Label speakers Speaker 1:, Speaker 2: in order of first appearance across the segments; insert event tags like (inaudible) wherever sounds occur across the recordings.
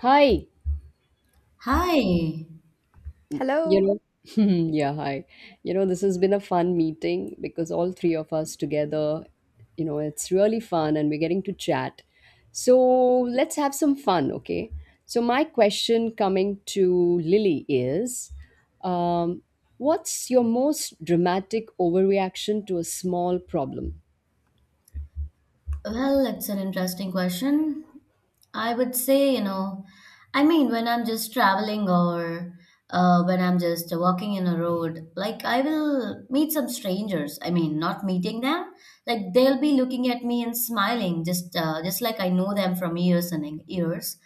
Speaker 1: Hi,
Speaker 2: Hi.
Speaker 1: you
Speaker 3: Hello.
Speaker 1: know, (laughs) yeah, hi. You know, this has been a fun meeting because all three of us together, you know, it's really fun and we're getting to chat. So let's have some fun, okay? So, my question coming to Lily is um, what's your most dramatic overreaction to a small problem?
Speaker 2: Well, it's an interesting question. I would say, I mean, when I'm just traveling or when I'm just walking in a road, like I will meet some strangers. I mean, not meeting them, like they'll be looking at me and smiling, just like I know them from years and years.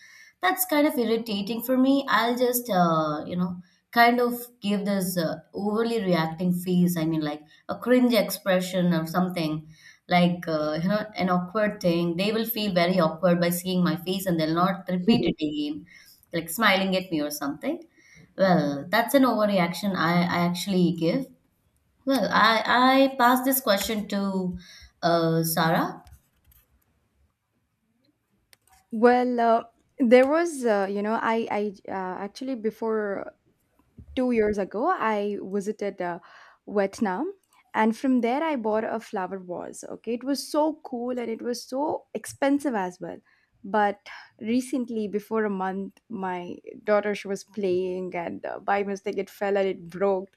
Speaker 2: That's kind of irritating for me. I'll just, kind of give this overly reacting face. I mean, like a cringe expression or something like an awkward thing. They will feel very awkward by seeing my face and they'll not repeat it again, like smiling at me or something. Well, that's an overreaction I actually give. Well, I pass this question to Sarah.
Speaker 3: Well, there was, I actually before 2 years ago, I visited Vietnam. And from there, I bought a flower vase. Okay, it was so cool and it was so expensive as well. But recently, before a month, my daughter she was playing and by mistake it fell and it broke.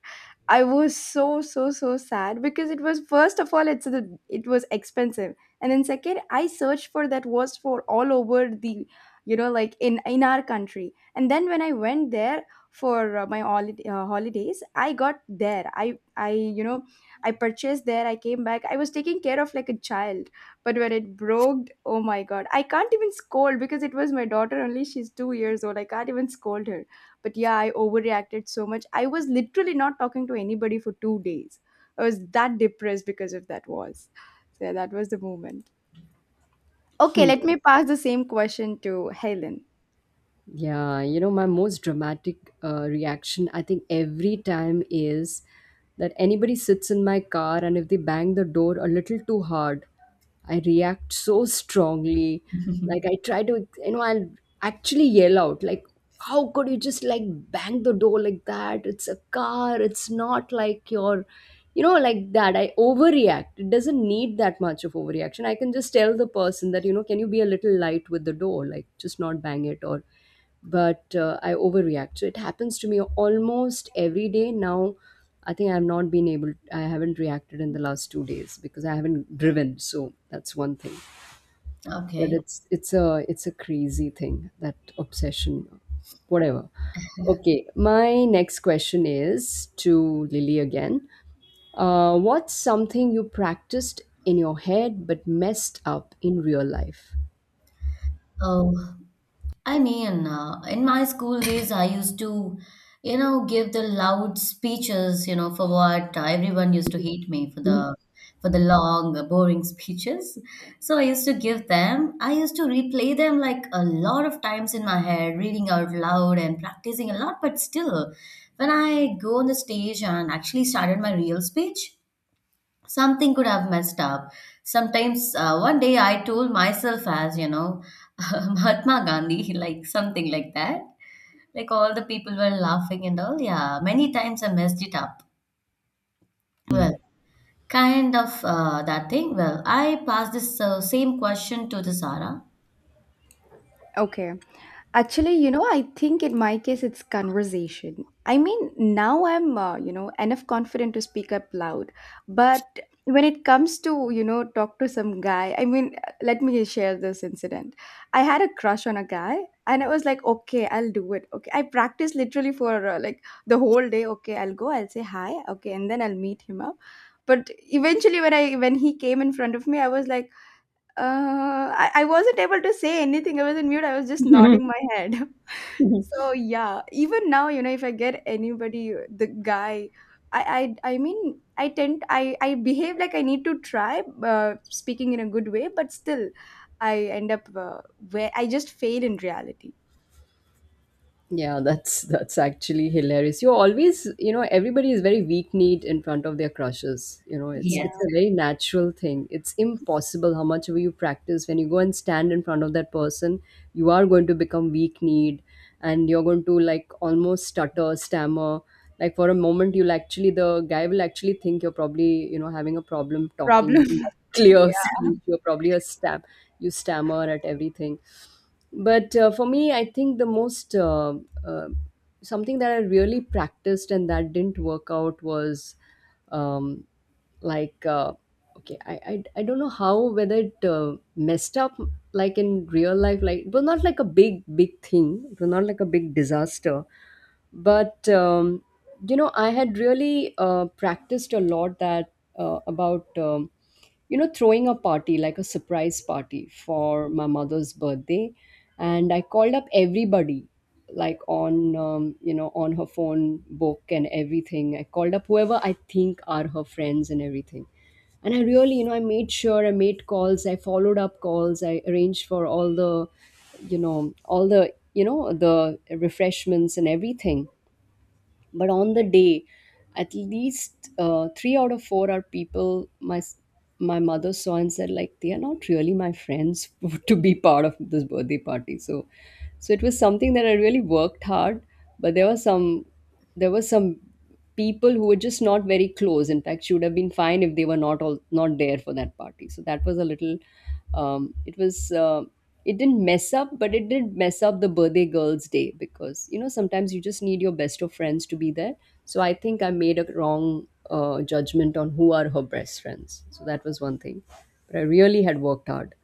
Speaker 3: I was so sad because it was first of all it was expensive, and then second I searched for that vase for all over the, you know, like in our country. And then when I went there for my holiday, holidays, I got there, I I purchased there, I came back, I was taking care of like a child. But when it broke, oh my god, I can't even scold because it was my daughter only, she's 2 years old, I can't even scold her. But yeah, I overreacted so much. I was literally not talking to anybody for 2 days. I was that depressed because of that was. So yeah, that was the moment. Okay, let me
Speaker 1: (laughs)
Speaker 3: pass the same question to Helen.
Speaker 1: Yeah, you know, my most dramatic reaction, I think, every time is that anybody sits in my car and if they bang the door a little too hard, I react so strongly. Like,
Speaker 2: (laughs)
Speaker 1: I try to, you know, I'll actually yell out, like, how could you just like bang the door like that? It's a car, it's not like your, you know, like that. I overreact. It doesn't need that much of overreaction. I can just tell the person that, you know, can you be a little light with the door? Like, just not bang it or but I overreact. So it happens to me almost every day now. I think I've not been able. I haven't reacted in the last two days because I haven't driven. So that's one thing. But
Speaker 2: Okay.
Speaker 1: it's a crazy thing, that obsession, whatever. Okay, my next question is to Lily again. What's something you practiced in your head but messed up in real life?
Speaker 2: Oh, I mean, in my school days, I used to, give the loud speeches, for what everyone used to hate me for the long, boring (laughs) speeches. So I used to give them. I used to replay them like a lot of times in my head, reading out loud and practicing a lot. But still, when I go on the stage and actually started my real speech, something could have messed up. Sometimes, one day I told myself as, (laughs) Mahatma Gandhi, like something like that. Like all the people were laughing and all. Yeah, many times I messed it up. Well, kind of that thing. Well, I passed this same question to the Sarah.
Speaker 3: Okay. Actually, you know, I think in my case it's conversation. I mean, now I'm, you know, enough confident to speak up loud. But when it comes to, you know, talk to some guy, I mean, let me share this incident. I had a crush on a guy and I was like, okay, I'll do it. Okay. I practiced literally for like the whole day. Okay, I'll go, I'll say hi. Okay. And then I'll meet him up. But eventually when I when he came in front of me, I was like, I wasn't able to say anything. I was in mute. I was just
Speaker 1: Mhm.
Speaker 3: nodding my head. (laughs)
Speaker 1: (laughs)
Speaker 3: So yeah, even now, you know, if I get anybody, the guy, I mean, I behave like I need to try speaking in a good way, but still, I end up where I just fail in reality.
Speaker 1: Yeah, that's actually hilarious. You are always, you know, everybody is very weak-kneed in front of their crushes. You know, it's
Speaker 2: Yes.
Speaker 3: Yeah,
Speaker 1: a very natural thing. It's impossible how much you practice. When you go and stand in front of that person, you are going to become weak-kneed, and you're going to like almost stutter, stammer. Like for a moment, you'll actually the guy will actually think you're probably, you know, having a problem talking. You
Speaker 3: problem.
Speaker 1: don't have (laughs) clear
Speaker 3: (laughs)
Speaker 1: speech. You're probably a stam. You stammer at everything, but for me I think the most uh, something that I really practiced and that didn't work out was um, like, okay, I don't know how, whether it messed up like in real life. Like, it was not like a big, big thing, it was not like a big disaster, but you know, I had really practiced a lot that about you know, throwing a party, like a surprise party for my mother's birthday, and I called up everybody, like on you know, on her phone book, and everything I called up whoever I think are her friends and everything. And I really, you know, I made sure, I made calls, I followed up calls, I arranged for all the, you know, all the, you know, the refreshments and everything. But on the day, at least three out of four are people my my mother saw and said like they are not really my friends (laughs) to be part of this birthday party. So so it was something that I really worked hard, but there was some, there was some people who were just not very close. In fact, she would have been fine if they were not all not there for that party. So that was a little. It was. It didn't mess up, but it did mess up the birthday girl's day, because you know, sometimes you just need your best of friends to be there. So I think I made a wrong judgment on who are her best friends. So that was one thing. But I really had worked hard.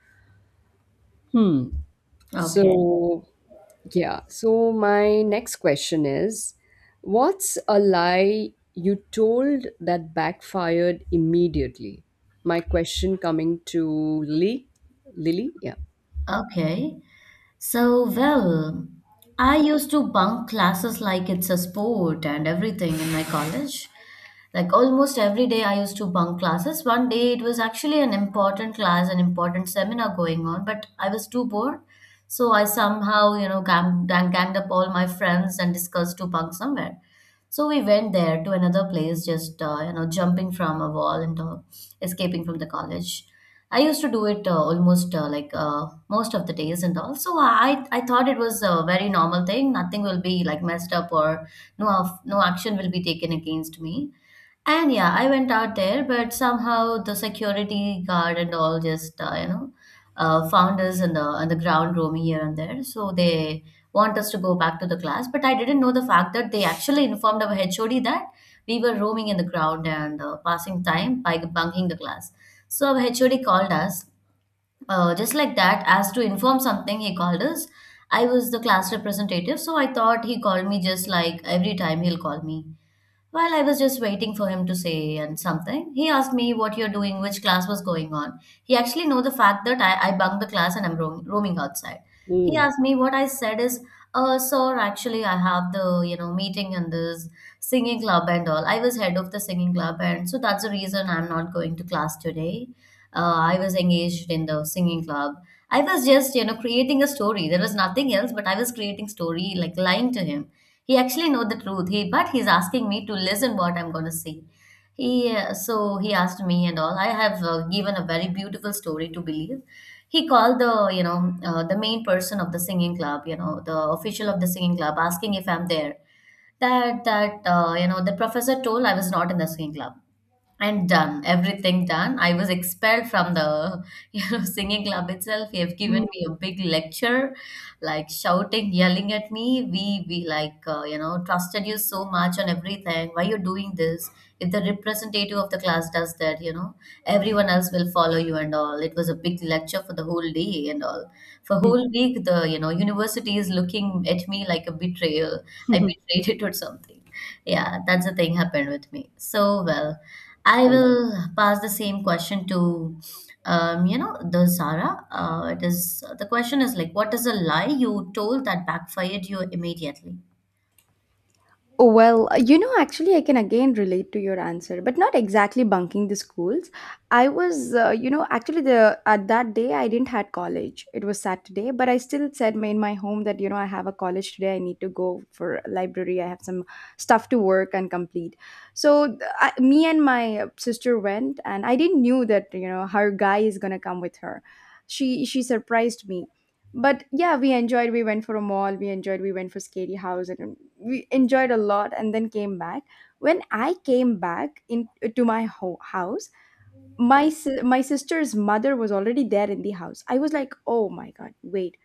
Speaker 1: Hmm.
Speaker 2: Okay.
Speaker 1: So, yeah. So, my next question is, what's a lie you told that backfired immediately? My question coming to Lily. Lily? Yeah.
Speaker 2: Okay. So, well, I used to bunk classes like it's a sport and everything in my college. Like almost every day, I used to bunk classes. One day, it was actually an important class, an important seminar going on, but I was too bored. So I somehow, ganged up all my friends and discussed to bunk somewhere. So we went there to another place, just, jumping from a wall and escaping from the college. I used to do it almost like most of the days and all. So I thought it was a very normal thing. Nothing will be like messed up or no, no action will be taken against me. And yeah, I went out there, but somehow the security guard and all just found us in the on the ground roaming here and there. So they want us to go back to the class, but I didn't know the fact that they actually informed our HOD that we were roaming in the ground and passing time by bunking the class. So our HOD called us just like that as to inform something. He called us. I was the class representative, so I thought he called me just like every time he'll call me. While I was just waiting for him to say and something, he asked me what you're doing, which class was going on. He actually know the fact that I bunked the class and I'm roaming outside. He
Speaker 1: Mm.
Speaker 2: asked me what I said is, sir, actually I have the, meeting in this singing club and all. I was head of the singing club and so that's the reason I'm not going to class today. I was engaged in the singing club. I was just, creating a story. There was nothing else, but I was creating story, like lying to him. He actually know the truth, he but he's asking me to listen what I'm going to say. He uh, so he asked me and all I have given a very beautiful story to believe. He called the you know the main person of the singing club, the official of the singing club, asking if I'm there. That the professor told I was not in the singing club. And done everything done, I was expelled from the (laughs) singing club itself. They have given me a big lecture, like shouting, yelling at me. We like trusted you so much on everything, why you doing this? If the representative of the class does that, everyone else will follow you and all. It was a big lecture for the whole day and all, for whole week the university is looking at me like a betrayal. I
Speaker 1: Mm.
Speaker 2: betrayed it or something. Yeah, that's the thing happened with me. So well, I
Speaker 1: (laughs)
Speaker 2: will pass the same question to, the Zara. It is the question is like, what is a lie you told that backfired you immediately? (laughs)
Speaker 3: Oh, well, you know, actually, I can again relate to your answer, but not exactly bunking the schools. I was, you know, actually, the at that day I didn't had college. It was Saturday, but I still said in my home that, you know, I have a college today. I need to go for library. I have some stuff to work and complete. So I, me and my sister went, and I didn't knew that, you know, her guy is gonna come with her. She surprised me, but yeah, we enjoyed, we went for a mall, we enjoyed, we went for scary house, and we enjoyed a lot, and then came back. When I came back in to my house, my my sister's mother was already there in the house. I was like, oh my god, wait,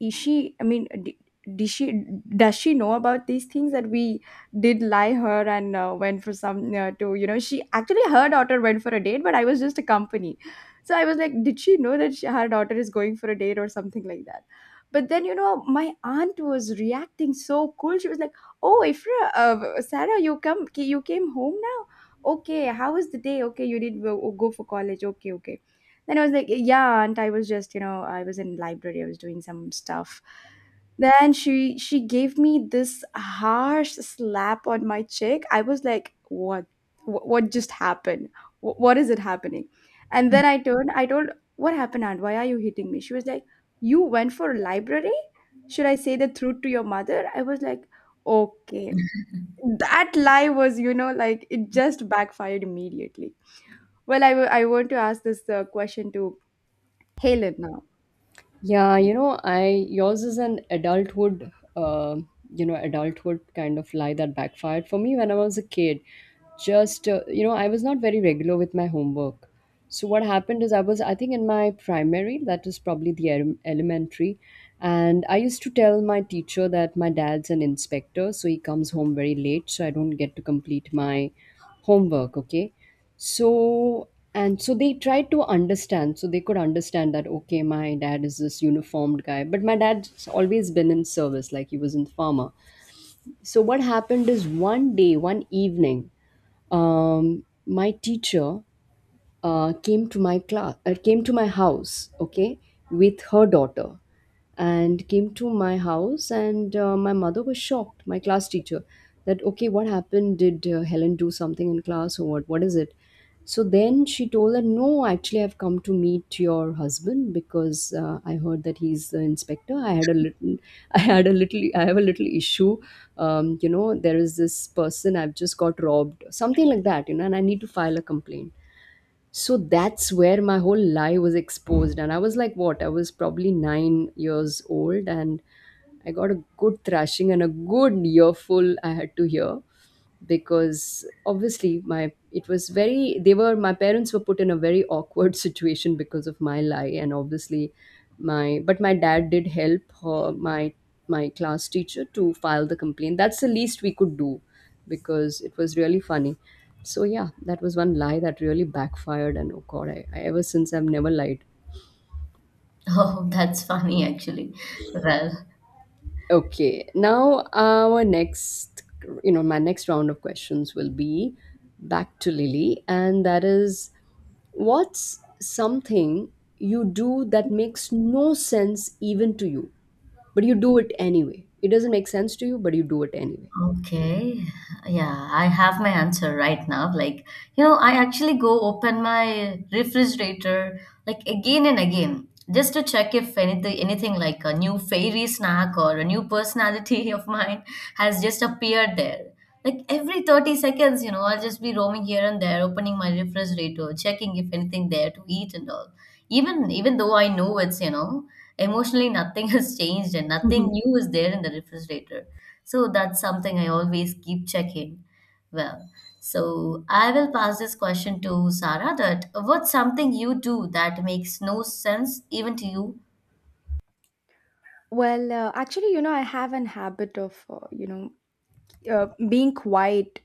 Speaker 3: is she, I mean, d- did she does she know about these things that we did, lie her, and went for some to you know. She actually, her daughter went for a date, but I was just a company. So I was like, did she know that her daughter is going for a date or something like that? But then, you know, my aunt was reacting so cool. She was like, oh, Ifra, Sarah, you came home now. Okay, how was the day? Okay, you did go for college? Okay, okay. Then I was like, yeah, and I was just, you know, I was in library, I was doing some stuff. Then she gave me this harsh slap on my cheek. I was like, what? What just happened? What is it happening? And then I turned, I told, what happened, aunt? Why are you hitting me? She was like, you went for library? Should I say the truth to your mother? I was like, okay. That lie was, you know, like, it just backfired immediately. Well, I I want to ask this question to Helen now.
Speaker 1: Yeah, you know, I yours is an adulthood, uh, you know, adulthood kind of lie that backfired for me when I was a kid. Just you know, I was not very regular with my homework. So what happened is I was, I think, in my primary, that is probably the elementary, and I used to tell my teacher that my dad's an inspector, so he comes home very late, so I don't get to complete my homework. Okay, so and so they tried to understand. So they could understand that, okay, my dad is this uniformed guy. But my dad's always been in service, like he was in farmer. So what happened is one day, one evening, my teacher came to my house, okay, with her daughter, and came to my house. And my mother was shocked, my class teacher, that okay, what happened, did Helen do something in class or what is it? So then she told her, no, actually I've come to meet your husband because I heard that he's the inspector. I had a little (laughs) I have a little issue, you know, there is this person, I've just got robbed, something like that, you know, and I need to file a complaint. So that's where my whole lie was exposed. And I was like, what? I was probably nine years old, and I got a good thrashing and a good earful I had to hear, because obviously my, it was very, they were, my parents were put in a very awkward (laughs) situation because of my lie. And obviously my, but my dad did help her, my class teacher, to file the complaint. That's the least we could do, because it was really funny. So yeah, that was one lie that really backfired, and oh god, I ever since I've never lied.
Speaker 2: Oh, that's funny actually. Well,
Speaker 1: Okay, now our next, you know, my next round of questions will be back to Lily, and that is, what's something you do that makes no sense even to you, but you do it anyway? It doesn't make sense to you, but you do it anyway.
Speaker 2: okay. Yeah, I have my answer right now. Like, I actually go open my refrigerator like again and again just to check if anything like a new fairy snack or a new personality (laughs) of mine has just appeared there. Like every 30 seconds, I'll just be roaming here and there, opening my refrigerator, checking if anything there to eat and all. Even though I know it's, emotionally nothing (laughs) has changed and nothing new is there in the refrigerator. So that's something I always keep checking. Well, so I will pass this question to Sarah that what's something you do that makes no sense even to you?
Speaker 3: Well, actually, you know, I have an habit of, you know, being quiet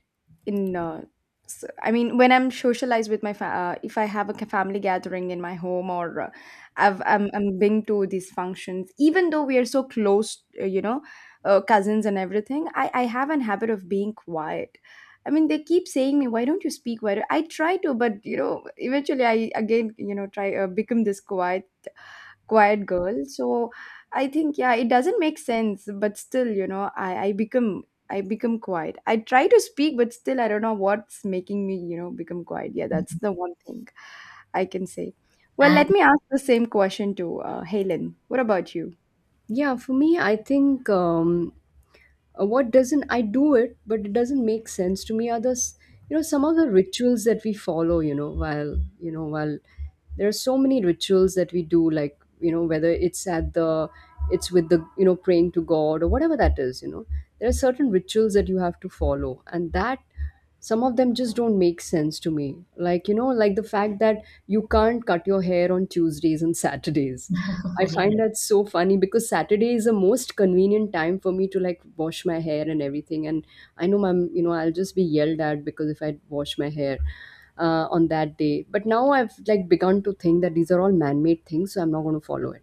Speaker 3: in I mean, when I'm socialized with my if I have a family gathering in my home, or I've, I'm been to these functions, even though we are so close, you know, cousins and everything, I have an habit of being quiet. I mean, they keep saying me, why don't you speak, why I try to, but you know, eventually I again, you know, try become this quiet girl. So I think, yeah, it doesn't make sense, but still, you know, I become, I become quiet, I try to speak, but still I don't know what's making me, you know, become quiet. Yeah, that's the one thing I can say. Well,
Speaker 2: And
Speaker 3: let me ask the same question to Helen. What about you?
Speaker 1: Yeah, for me, I think. What doesn't, I do it but it doesn't make sense to me others, you know, some of the rituals that we follow, you know, while, there are so many rituals that we do, like, you know, whether it's at the, it's with the, you know, praying to god or whatever that is, you know, there are certain rituals that you have to follow, and that some of them just don't make sense to me, like, you know, like the fact that you can't cut your hair on Tuesdays and Saturdays. I
Speaker 2: (laughs)
Speaker 1: find
Speaker 2: yes,
Speaker 1: that so funny, because Saturday is the most convenient time for me to like wash my hair and everything. And I know I'm, you know, I'll just be yelled at because if I wash my hair on that day. But now I've like begun to think that these are all man-made things, so I'm not going to follow it.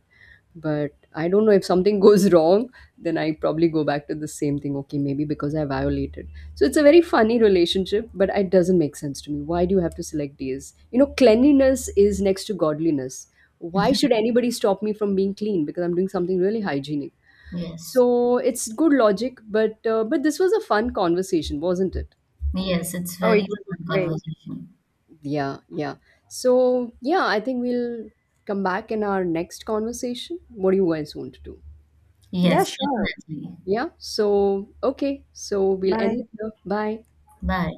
Speaker 1: But I don't know, if something (laughs) goes wrong, then I probably go back to the same thing, okay, maybe because I violated. So it's a very funny relationship, but it doesn't make sense to me. Why do you have to select days? You know, cleanliness is next to godliness. Why should anybody stop me from being clean, because I'm doing something really hygienic?
Speaker 2: yes,
Speaker 1: So it's good logic, but this was a fun conversation, wasn't it?
Speaker 2: yes, it's
Speaker 3: Oh, it
Speaker 2: very
Speaker 3: was
Speaker 2: fun
Speaker 3: great.
Speaker 2: conversation.
Speaker 1: Yeah. Yeah. So yeah, I think we'll come back in our next conversation. What do you guys want to do?
Speaker 3: Yeah,
Speaker 2: Yes,
Speaker 3: sure.
Speaker 2: definitely.
Speaker 1: Yeah. So, okay. So we'll end it
Speaker 3: Bye.
Speaker 1: here. Bye.
Speaker 2: 拜。